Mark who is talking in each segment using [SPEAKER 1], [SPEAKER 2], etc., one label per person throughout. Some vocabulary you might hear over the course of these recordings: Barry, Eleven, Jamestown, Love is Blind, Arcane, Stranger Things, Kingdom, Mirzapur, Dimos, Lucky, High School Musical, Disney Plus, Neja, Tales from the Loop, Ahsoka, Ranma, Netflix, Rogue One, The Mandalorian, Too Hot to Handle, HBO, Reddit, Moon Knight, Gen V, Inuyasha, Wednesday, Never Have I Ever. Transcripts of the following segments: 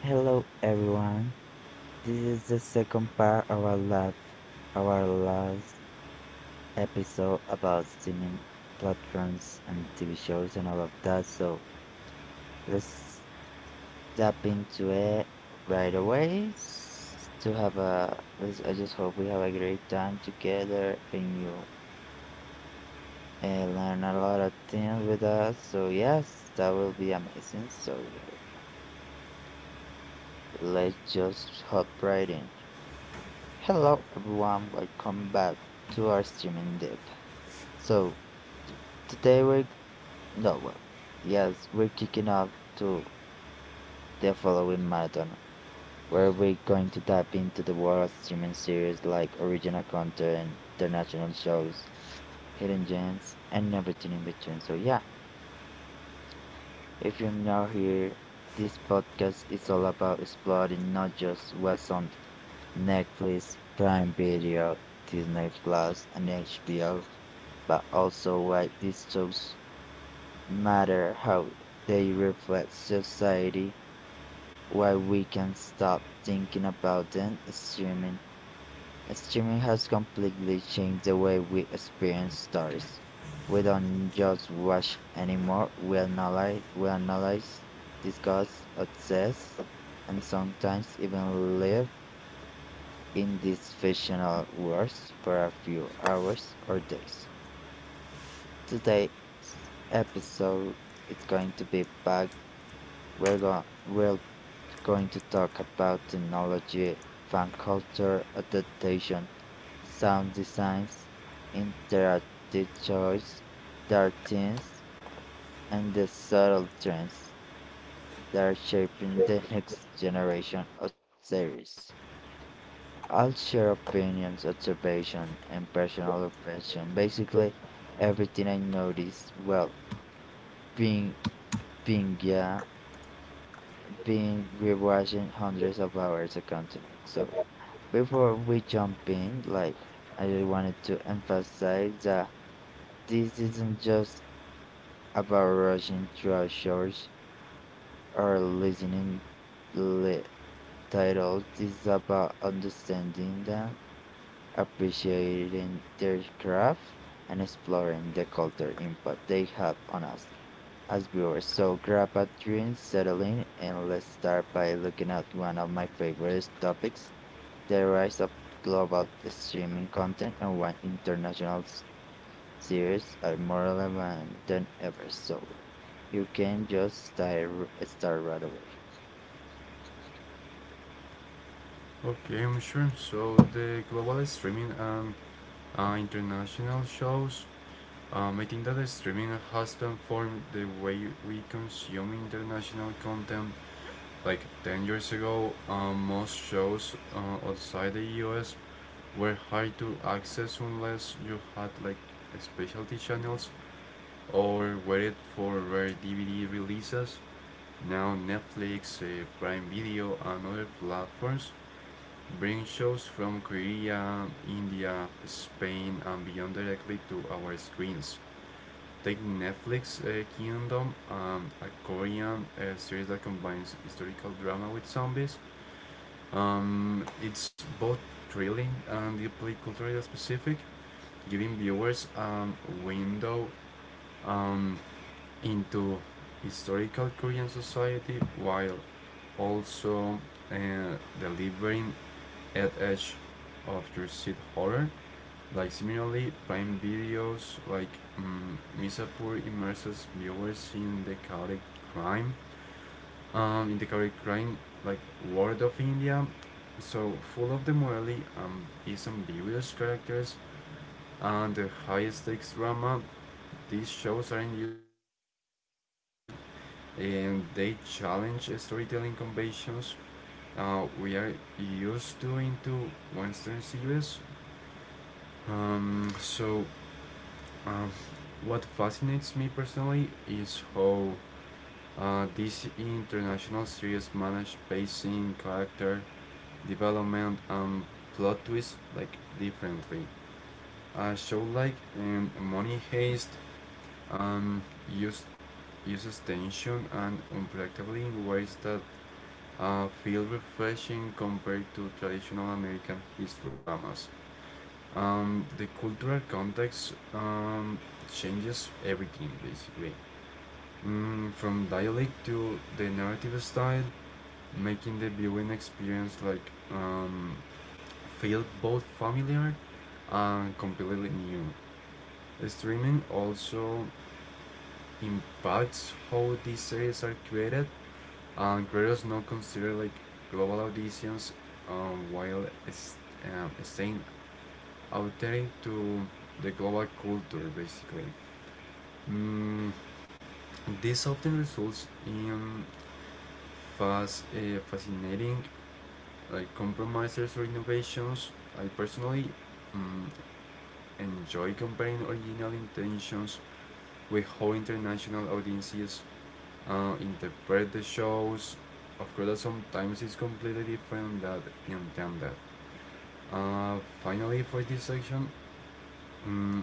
[SPEAKER 1] Hello everyone. This is the second part of our lab, our last episode about streaming platforms and TV shows and all of that. So let's tap into it right away s- to have a. Let's, I just hope we have a great time together and you learn a lot of things with us. So yes, that will be amazing. So let's just hop right in. Hello everyone, welcome back to our streaming deep. So today we're no well, yes, we're kicking off to the following marathon where we're going to dive into the world of streaming series like original content, international shows, hidden gems, and everything in between. So yeah, if you're new here, this podcast is all about exploring not just what's on Netflix, Prime Video, Disney Plus, and HBO, but also why these shows matter, how they reflect society, why we can stop thinking about them. Streaming has completely changed the way we experience stories. We don't just watch anymore. We analyze, discuss, obsess, and sometimes even live in these fictional worlds for a few hours or days. Today's episode is going to be back. We're going to talk about technology, fan culture, adaptation, sound designs, interactive choice, dark themes, and the subtle trends that are shaping the next generation of series. I'll share opinions, observation, and personal reflection. Basically, everything I noticed while being being yeah being rewatching hundreds of hours of content. So before we jump in, I just wanted to emphasize that this isn't just about rushing through shows or li- titles. This is about understanding them, appreciating their craft, and exploring the cultural impact they have on us as viewers. So grab a drink, settle in, and let's start by looking at one of my favorite topics, the rise of global streaming content and why international series are more relevant than ever. So you can just start right away.
[SPEAKER 2] Game, sure. So the global streaming and international shows, I think that the streaming has transformed the way we consume international content. Like 10 years ago, most shows outside the US were hard to access unless you had like specialty channels or waited for rare DVD releases. Now Netflix, Prime Video, and other platforms bring shows from Korea, India, Spain, and beyond directly to our screens. Take Netflix Kingdom, a Korean series that combines historical drama with zombies. It's both thrilling and deeply culturally specific, giving viewers a window um, into historical Korean society while also uh, delivering at edge of your seat horror. Like similarly, Prime Video's like Misapur immerses viewers in the chaotic crime, crime like world of India. So full of the morally is ambiguous characters and the high stakes drama. These shows aren't just like in entertaining, and they challenge storytelling conventions we are used to into Western series. Um, so, um, what fascinates me personally is how these international series manage pacing, character development, and plot twists like differently. A show like Money Heist um, use, uses tension and unpredictability in ways that feel refreshing compared to traditional American his dramas. The cultural context changes everything basically, from dialect to the narrative style, making the viewing experience um, feel both familiar and completely new. Streaming also impacts how these series are created, and creators now consider like global auditions um, while is, staying are to the global culture basically. Mm, this often results in fascinating like compromises or innovations. I personally mm, enjoy comparing original intentions with how international audiences interpret the shows. Of course, that sometimes it's completely different that intended. Finally, for this section, mm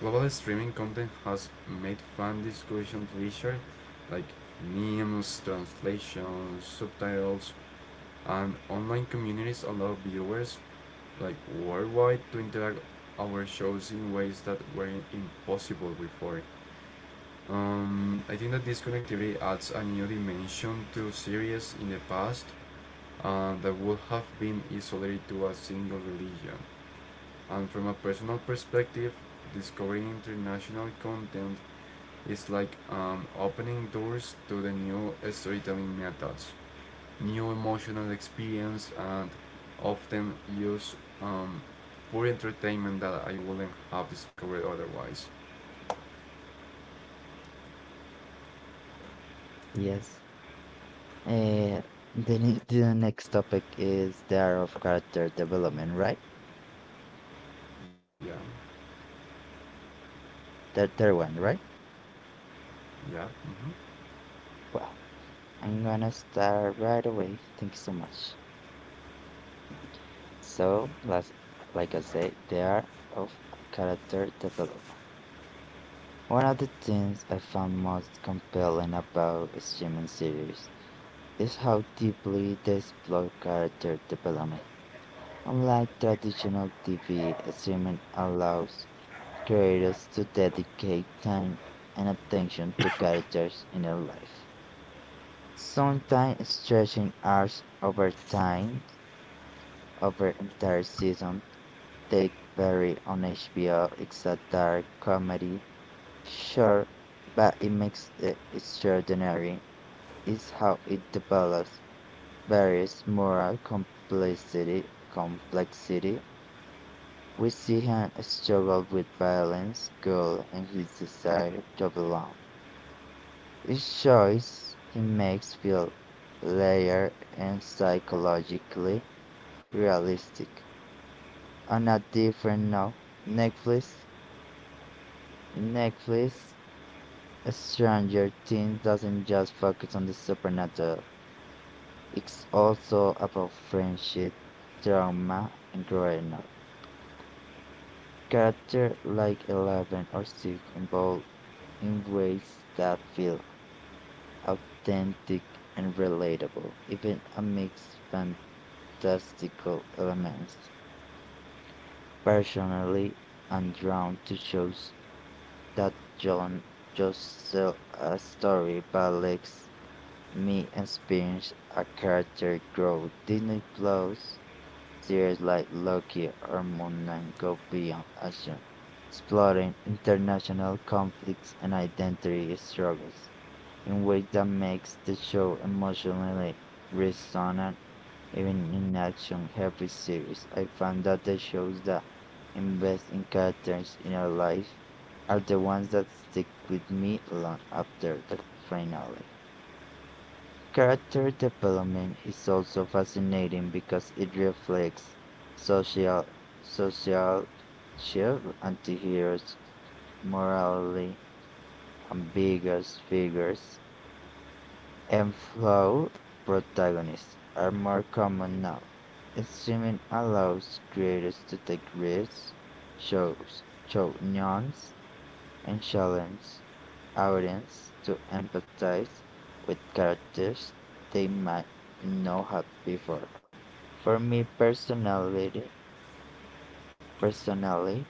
[SPEAKER 2] global streaming content has made fan discussions richer, like memes, translations, subtitles, and online communities allow viewers like worldwide to interact our shows in ways that were impossible before. I think that this connectivity adds a new dimension to series in the past that would have been isolated to a single religion. And from a personal perspective, discovering international content it's like opening doors to the new storytelling methods, new emotional experience, and often use um, for entertainment that I wouldn't have discovered otherwise.
[SPEAKER 1] Yes. Uh, the next topic is the art of character development, right?
[SPEAKER 2] Yeah,
[SPEAKER 1] The third one, right?
[SPEAKER 2] yeah.
[SPEAKER 1] Well, I'm gonna start right away. Thank you so much. So, let like I said, the art of character development. One of the things I found most compelling about streaming series is how deeply they explore character development. Unlike traditional TV, streaming allows creators to dedicate time and attention to characters in their life, sometimes stretching hours over time, over entire season. Take Barry on HBO is a dark comedy, sure, but it makes it extraordinary. Is how it develops Barry's moral complexity. We see him struggle with violence, guilt, and his desire to belong. Each choice he makes feels layered and psychologically realistic. On a different note, Netflix, Netflix, Stranger Things doesn't just focus on the supernatural. It's also about friendship, trauma, and growing up. Characters like Eleven or Six evolve in ways that feel authentic and relatable, even amidst fantastical elements. Personally, I'm drawn to shows that don't just sell a story but lets me experience a character grow. Disney Plus series like Loki or Moon Knight go beyond action, exploring international conflicts and identity struggles in ways that makes the show emotionally resonant even in action-heavy series. I found that the shows that invest in characters in your life are the ones that stick with me long after the finale. Character development is also fascinating because it reflects social social shift antiheroes, morally ambiguous figures, and flawed protagonists are more common now. Streaming allows creators to take risks, show nuance, and challenge audience to empathize with characters they might not have before. For me personally,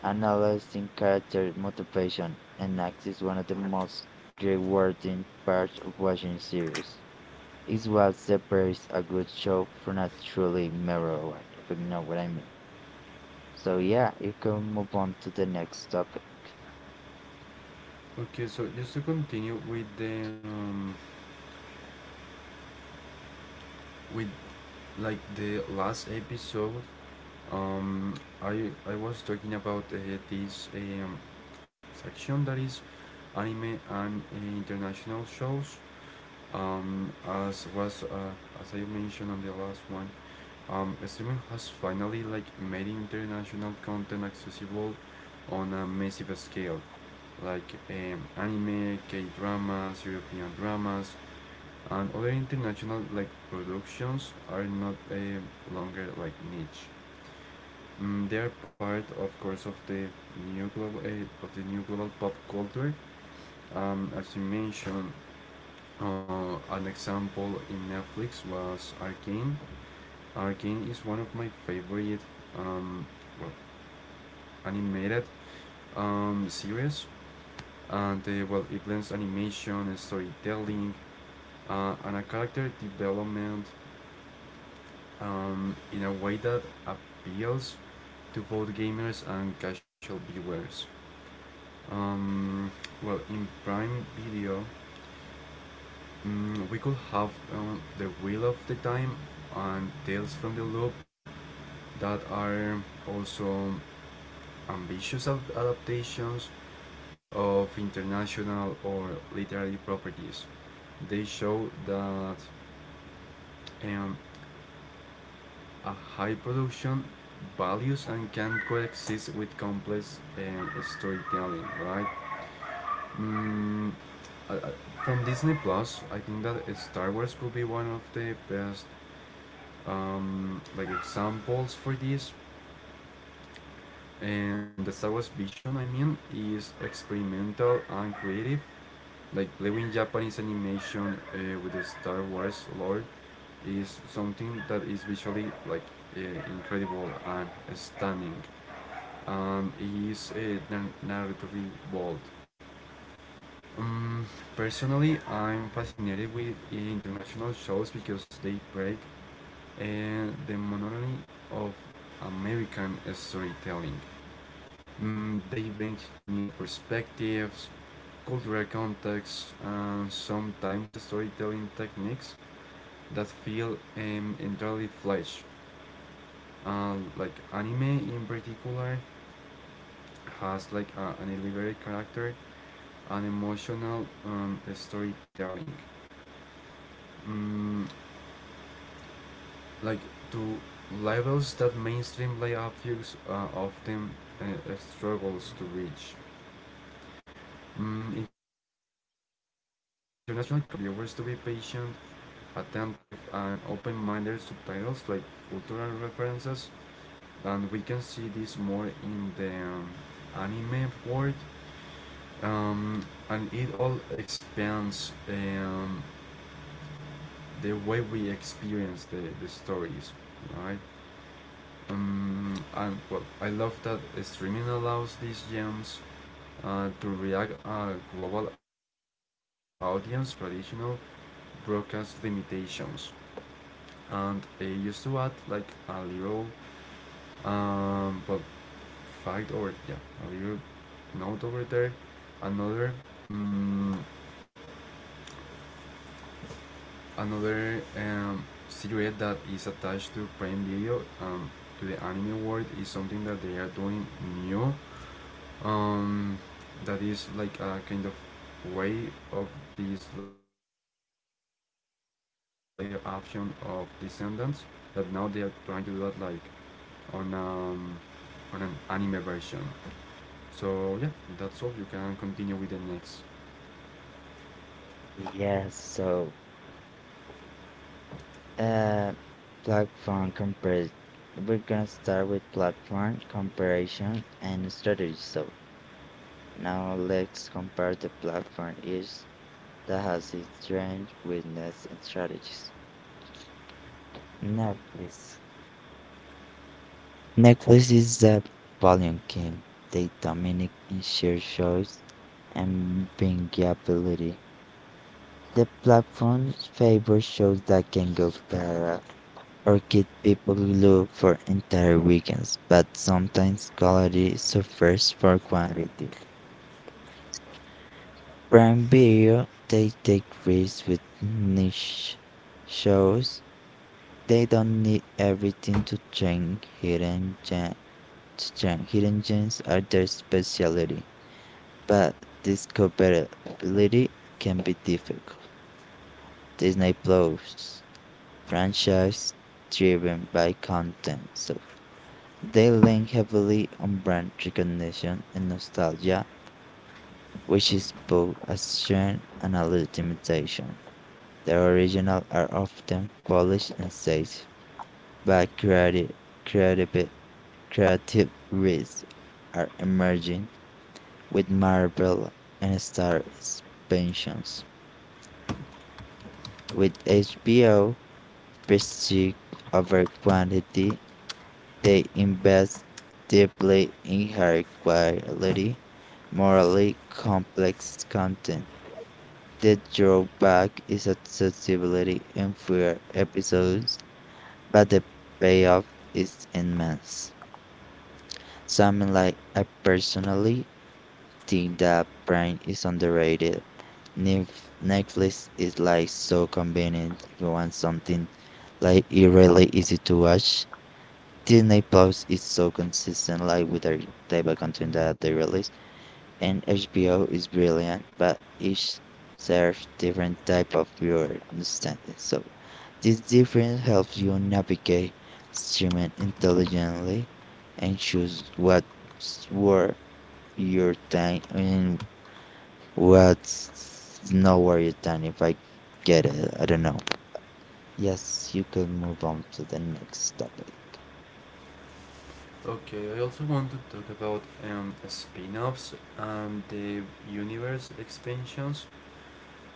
[SPEAKER 1] analyzing character motivation and acts is one of the most rewarding parts of watching series. It's what separates a good show from a truly mirror one, if you know what I mean. So yeah, you can move on to the next topic.
[SPEAKER 2] Okay, so just to continue with the with like the last episode, um, I was talking about this section that is anime and international shows. Um, as I mentioned on the last one, streaming has finally like made international content accessible on a massive scale, like anime, K dramas, European dramas, and other international like productions are not longer like niche. They are part, of course, of the new global pop culture. As you mentioned, an example in Netflix was Arcane. Arcane is one of my favorite um, well, animated series, and it blends animation, storytelling, and a character development in a way that appeals to both gamers and casual viewers. Um, in Prime Video, we could have The Wheel of the Time and Tales from the Loop that are also ambitious adaptations of international or literary properties. They show that um, a high production values and can coexist with complex storytelling, right? Mm, I- from Disney Plus, I think that Star Wars could be one of the best like examples for this, and the Star Wars vision, I mean, is experimental and creative. Like living Japanese animation with the Star Wars lore is something that is visually uh, incredible and stunning, and is narratively bold. Um, Personally, I'm
[SPEAKER 1] I'm
[SPEAKER 2] fascinated with
[SPEAKER 1] fascinated with individual
[SPEAKER 2] international shows
[SPEAKER 1] shows
[SPEAKER 2] because
[SPEAKER 1] that
[SPEAKER 2] they
[SPEAKER 1] they
[SPEAKER 2] break
[SPEAKER 1] write,
[SPEAKER 2] uh,
[SPEAKER 1] they
[SPEAKER 2] the monotony of
[SPEAKER 1] or
[SPEAKER 2] American storytelling. They bring new perspectives, cultural contexts, and sometimes storytelling techniques that feel entirely fresh. Like anime in particular has like an elevated character and emotional storytelling. Mm, like to levels that mainstream play often struggles to reach. International content also challenge like viewers to be patient, attentive, and open-minded. Subtitles like cultural references, and we can see this more in the anime world. And it all expands the way we experience the stories, right? And well, I love that streaming allows these gems to react a global audience without like traditional broadcast limitations, and I used to add like a little, but fact or yeah, a little note over there, another, um, another cigarette that is attached to Prime Video, to the anime world is something that they are doing new, um, that is like a kind of way of this layer option of descendants that now they are trying to do that like on um, on an anime version. So yeah, that's all. You can continue with the next.
[SPEAKER 1] yes, so uh platform compare we're gonna start with platform comparison and strategy. So now let's compare the platform each that has its strengths, weakness and strategies. Netflix. Netflix is the volume king. They dominate in share choice and bingeability. The platform's favor shows that can go viral Orchid people look for entire weekends, but sometimes quality suffers for quantity. Prime Video, they take risks with niche shows. They don't need everything to change. Hidden gems are their specialty, but discoverability can be difficult. Disney Plus franchise driven by content, so they lean heavily on brand recognition and nostalgia, which is both a strength and a limitation. Their originals are often polished and staged, but creative, creative risks are emerging with Marvel and Star expansions. With HBO, prestige over quantity, they invest deeply in high quality, morally complex content. The drawback is accessibility and fewer episodes, but the payoff is immense. Something like I personally think that Prime is underrated. Netflix is like so convenient if you want something like it really easy to watch. Disney Plus is so consistent, like with their type of content that they release, and HBO is brilliant, but each serves different type of viewer understanding. So this difference helps you navigate streaming intelligently and choose what's worth your time and what's not worth your time. If I get it, I don't know. Yes, you could move on to the next topic.
[SPEAKER 2] Okay, I also want to talk about spin-offs and the universe expansions.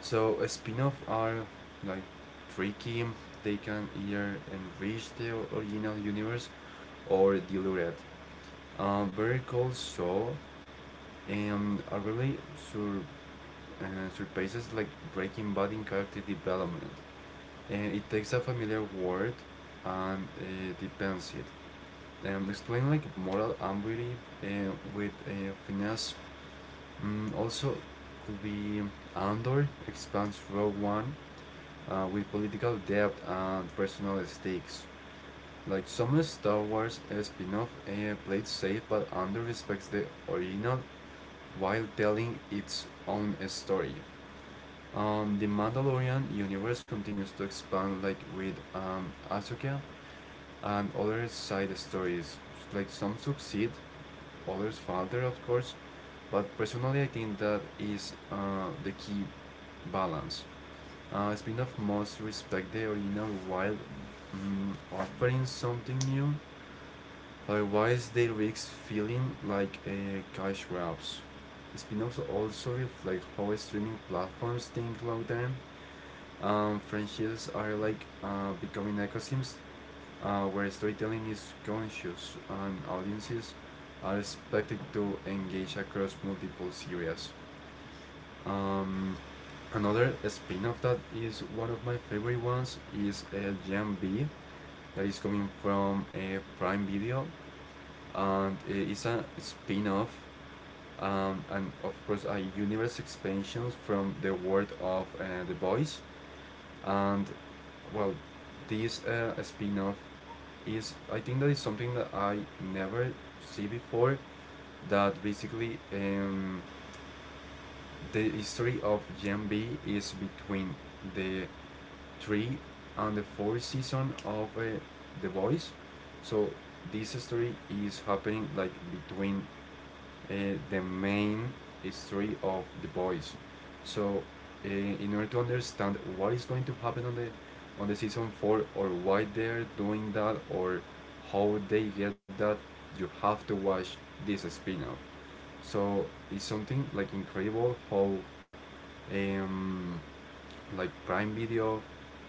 [SPEAKER 2] So spin offs are like tricky. They can either enrich the original universe or dilute it. Very cool show and surpasses like Breaking Bad in character development, and it takes a familiar word and depends it. And explain like moral ambiguity with finesse. Also, could be Andor expands Rogue One with political depth and personal stakes. Like some Star Wars spin-off played safe, but Andor respects the original while telling its own story. The Mandalorian universe continues to expand, like with Ahsoka and others side stories. Like some succeed, others falter, of course. But personally, I think that is the key balance. Spin-off must respect the original while offering something new. Otherwise, they risk feeling like a cash grabs. Spin-offs also reflect how streaming platforms think long term. Franchises are like becoming ecosystems where storytelling is conscious and audiences are expected to engage across multiple series. Um, Another spin-off that is one of my favorite ones is Gen B, that is coming from Prime Video, and it's a spin-off, and of course a universe expansion from the world of The Boys, and well, this spin-off is, I think, that is something that I never see before, that basically, the history of Gen B is between the three and the fourth season of the voice. So this story is happening like between uh, the main story of The Boys. So, in order to understand what is going to happen on the season four, or why they're doing that, or how they get that, you have to watch this spin-off. So it's something like incredible how um, like Prime Video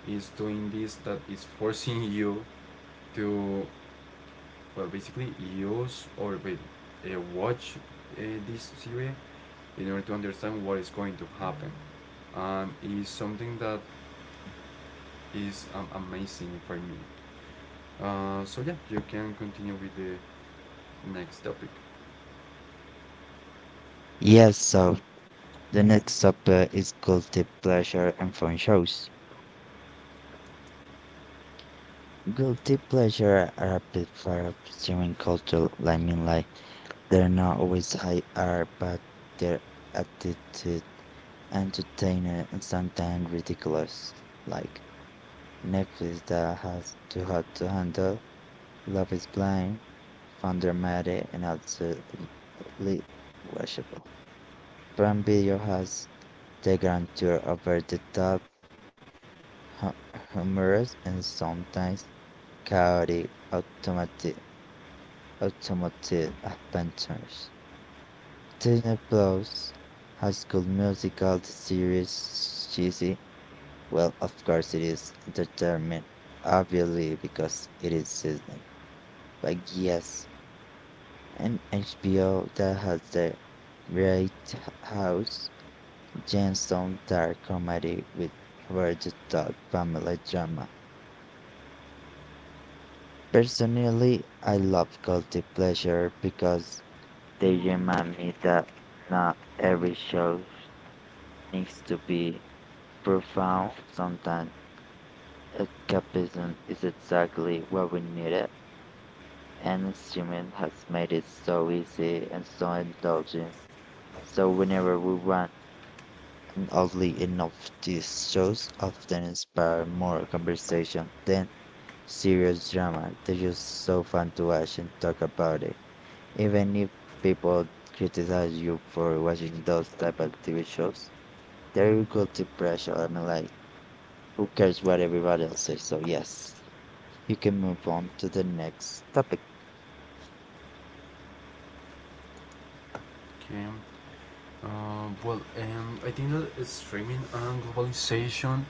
[SPEAKER 2] is doing this, that is forcing you to, well, basically, use or wait, watch this series in order to understand what is going to happen, and it's something that is amazing for me. So yeah, you can continue with the next topic.
[SPEAKER 1] Yes, so the next subplot is guilty pleasure and fun shows. Guilty pleasure are platforms during cultural limelight. They're not always high art, but they're attitude, entertainer, and sometimes ridiculous. Like Netflix that has Too Hot to Handle, Love Is Blind, Fundramatic, and absolutely worshipful. Prime Video has the grandeur over the top hu- humorous and sometimes chaotic automatic, automotive adventures. Disney Plus High School Musical the series cheesy? Well, of course it is entertainment, obviously because it is Disney. But yes, and HBO that has the Great House, Jamestown dark comedy with over the dog family drama. Personally, I love guilty pleasure because they remind me that not every show needs to be profound. Sometimes escapism is exactly what we needed, and streaming has made it so easy and so indulgent. So whenever we want, and oddly enough, these shows often inspire more conversation than serious drama. They're just so fun to watch and talk about it. Even if people criticize you for watching those type of TV shows, they're guilty pressure. Who cares what everybody else says? So, yes, you can move on to the next topic.
[SPEAKER 2] Okay. I think that streaming and globalization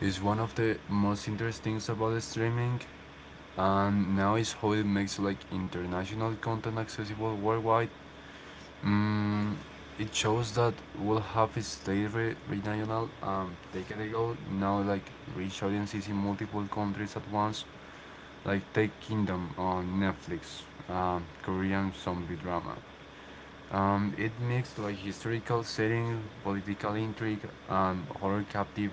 [SPEAKER 2] is one of the most interesting things about streaming, and now is how it makes like international content accessible worldwide. Mm, it shows that we'll have stayed regional and decade-ago now like reach audiences in multiple countries at once, like Take Kingdom on Netflix, Korean zombie drama. It mixed like historical setting, political intrigue, and horror captive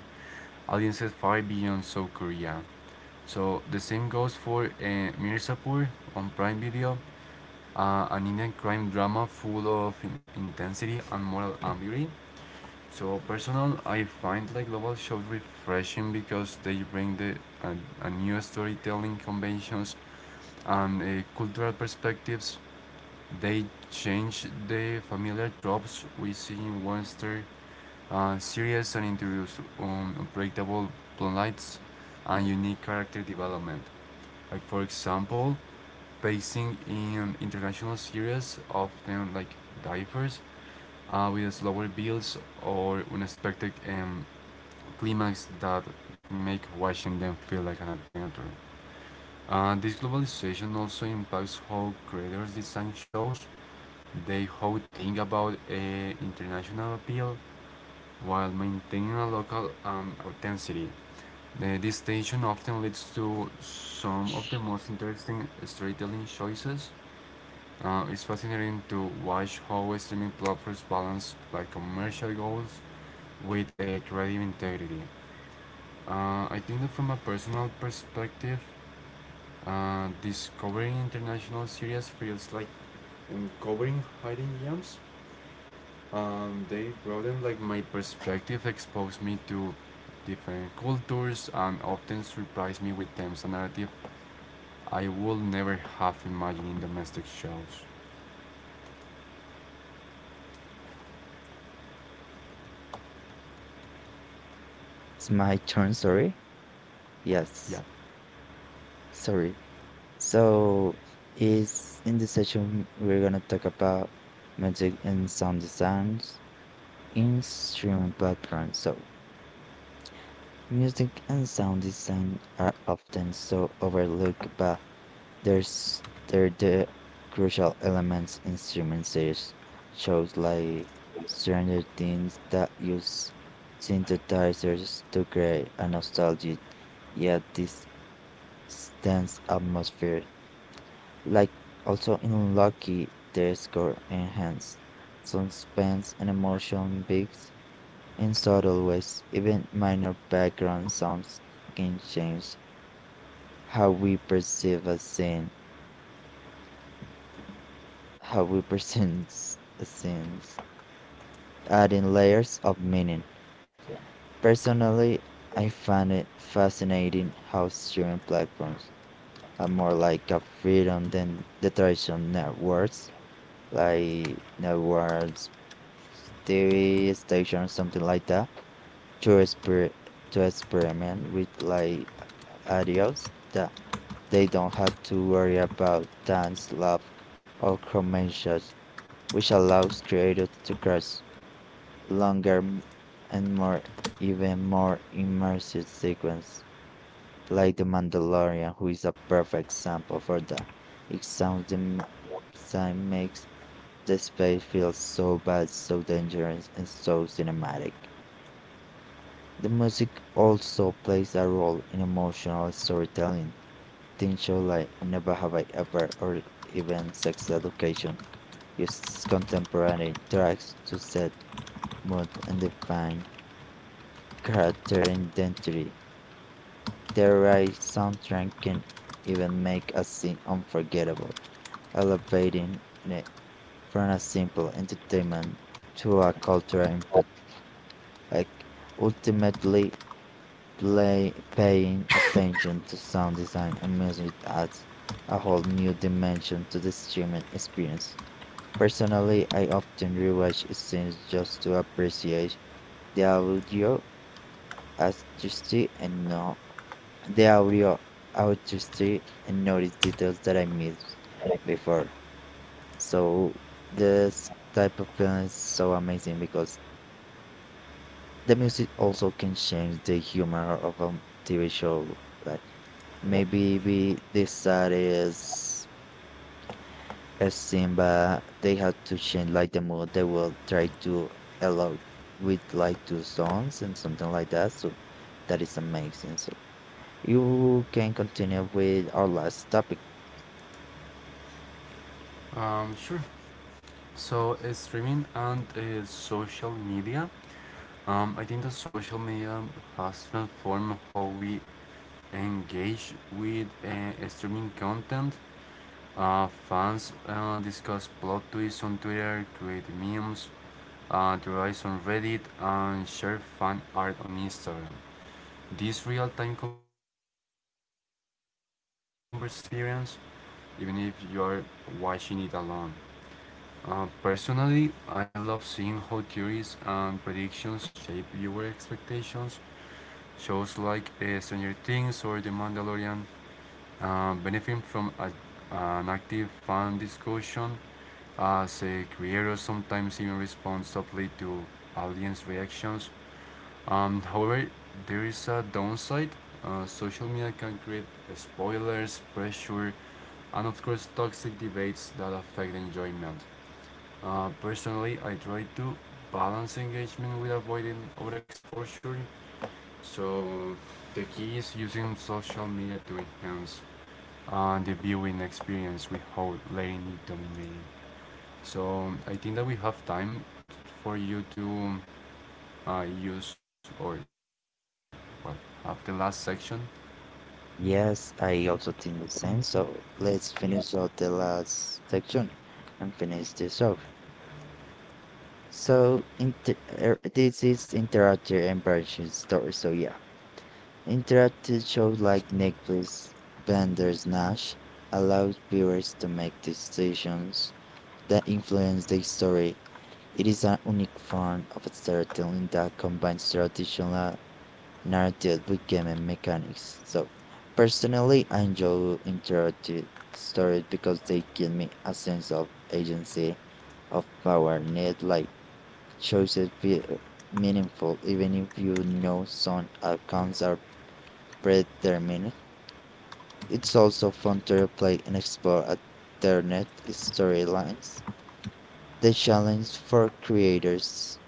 [SPEAKER 2] audiences far beyond South Korea. So the same goes for Mirzapur on Prime Video, an Indian crime drama full of intensity and moral ambiguity. So personal, I find like global shows refreshing because they bring a, a new storytelling conventions and cultural perspectives. They change the familiar tropes we see in Western series and introduce unpredictable plot lines and unique character development. Like for example, basing in international series, often like divers, with slower builds or unexpected climax that make watching them feel like an adventure. This globalization also impacts how creators design shows. They how think about international appeal while maintaining a local authenticity. This tension often leads to some of the most interesting storytelling choices. It's fascinating to watch how streaming platforms balance like commercial goals with a creative integrity. I think that from a personal perspective, discovering international series feels like uncovering hidden gems. They broaden like my perspective, expose me to different cultures, and often surprise me with themes and narrative I would never have imagined in domestic shows.
[SPEAKER 1] It's my turn, sorry.
[SPEAKER 2] Yeah.
[SPEAKER 1] Yes, sorry. So, is in this session, we're gonna talk about music and sound designs in streaming platforms. So, music and sound design are often so overlooked by the crucial elements instruments there's shows like Stranger Things that use synthesizers to create a nostalgic yet distant atmosphere. Like also in Lucky, their score enhanced suspense and emotion beats in subtle ways. Even minor background sounds can change how we perceive a scene. How we present scenes, adding layers of meaning. Personally, I find it fascinating how streaming platforms are more like a freedom than the traditional networks, like networks, TV stations, something like that, to experiment with like audios that they don't have to worry about dance, love, or commercials, which allows creators to cross longer m- and more even more immersive sequence like the Mandalorian who is a perfect example for that. It sounds the design makes the space feel so vast, so dangerous and so cinematic. The music also plays a role in emotional storytelling. Teen show like Never Have I Ever or even Sex Education uses contemporary tracks to set mood and define character identity. Their right soundtrack can even make a scene unforgettable, elevating it from a simple entertainment to a cultural input, like ultimately paying attention to sound design and music adds a whole new dimension to the streaming experience. Personally, I often rewatch scenes just to appreciate the audio artistry and know the audio artistry and notice details that I missed before. So this type of film is so amazing because the music also can change the humor of a TV show. Like maybe we decided as Simba, they had to change like the mood. They will try to allow with like two songs and something like that. So that is amazing. So you can continue with our last topic.
[SPEAKER 2] Sure. So, streaming and social media. I think that social media has transformed how we engage with streaming content. Fans discuss plot twists on Twitter, create memes, theorize on Reddit, and share fan art on Instagram. This real-time conversation, I think that creates a communal experience, even if you are watching it alone. Personally, I love seeing how theories and predictions shape viewer expectations. Shows like Stranger Things or The Mandalorian benefit from an active fan discussion, as creators sometimes even respond subtly to audience reactions. However, there is a downside. Social media can create spoilers, pressure, and of course, toxic debates that affect enjoyment. Personally, I try to balance engagement with avoiding overexposure. So the key is using social media to enhance the viewing experience without letting it dominate. So I think that we have time for you to use or well, have the last section.
[SPEAKER 1] Yes, I also think the same. So let's finish out the last section and finish this off. So inter this is interactive and branching story. So yeah, interactive shows like Netflix, Bandersnatch allows viewers to make decisions that influence the story. It is an unique form of storytelling that combines traditional narrative with game mechanics. So, personally, I enjoy interactive stories because they give me a sense of agency, of power. Need like choices feel meaningful, even if you know some outcomes are predetermined. It's also fun to play and explore alternate storylines. The challenge for creators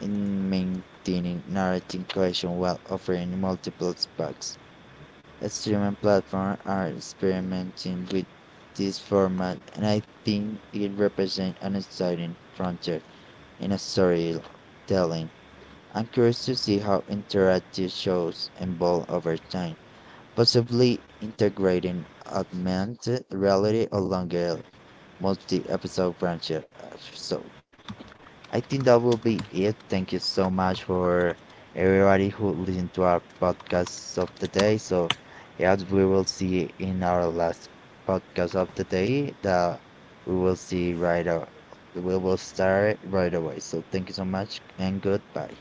[SPEAKER 1] in maintaining narrative cohesion while offering multiple sparks. Streaming platforms are experimenting with this format and I think it represents an exciting frontier in storytelling. I'm curious to see how interactive shows evolve over time, possibly integrating augmented reality along a multi-episode franchise. So I think that will be it. Thank you so much for everybody who listened to our podcast of the day. So, yeah, we will see in our last podcast of the day that we will see right away. We will start right away. So, thank you so much and goodbye.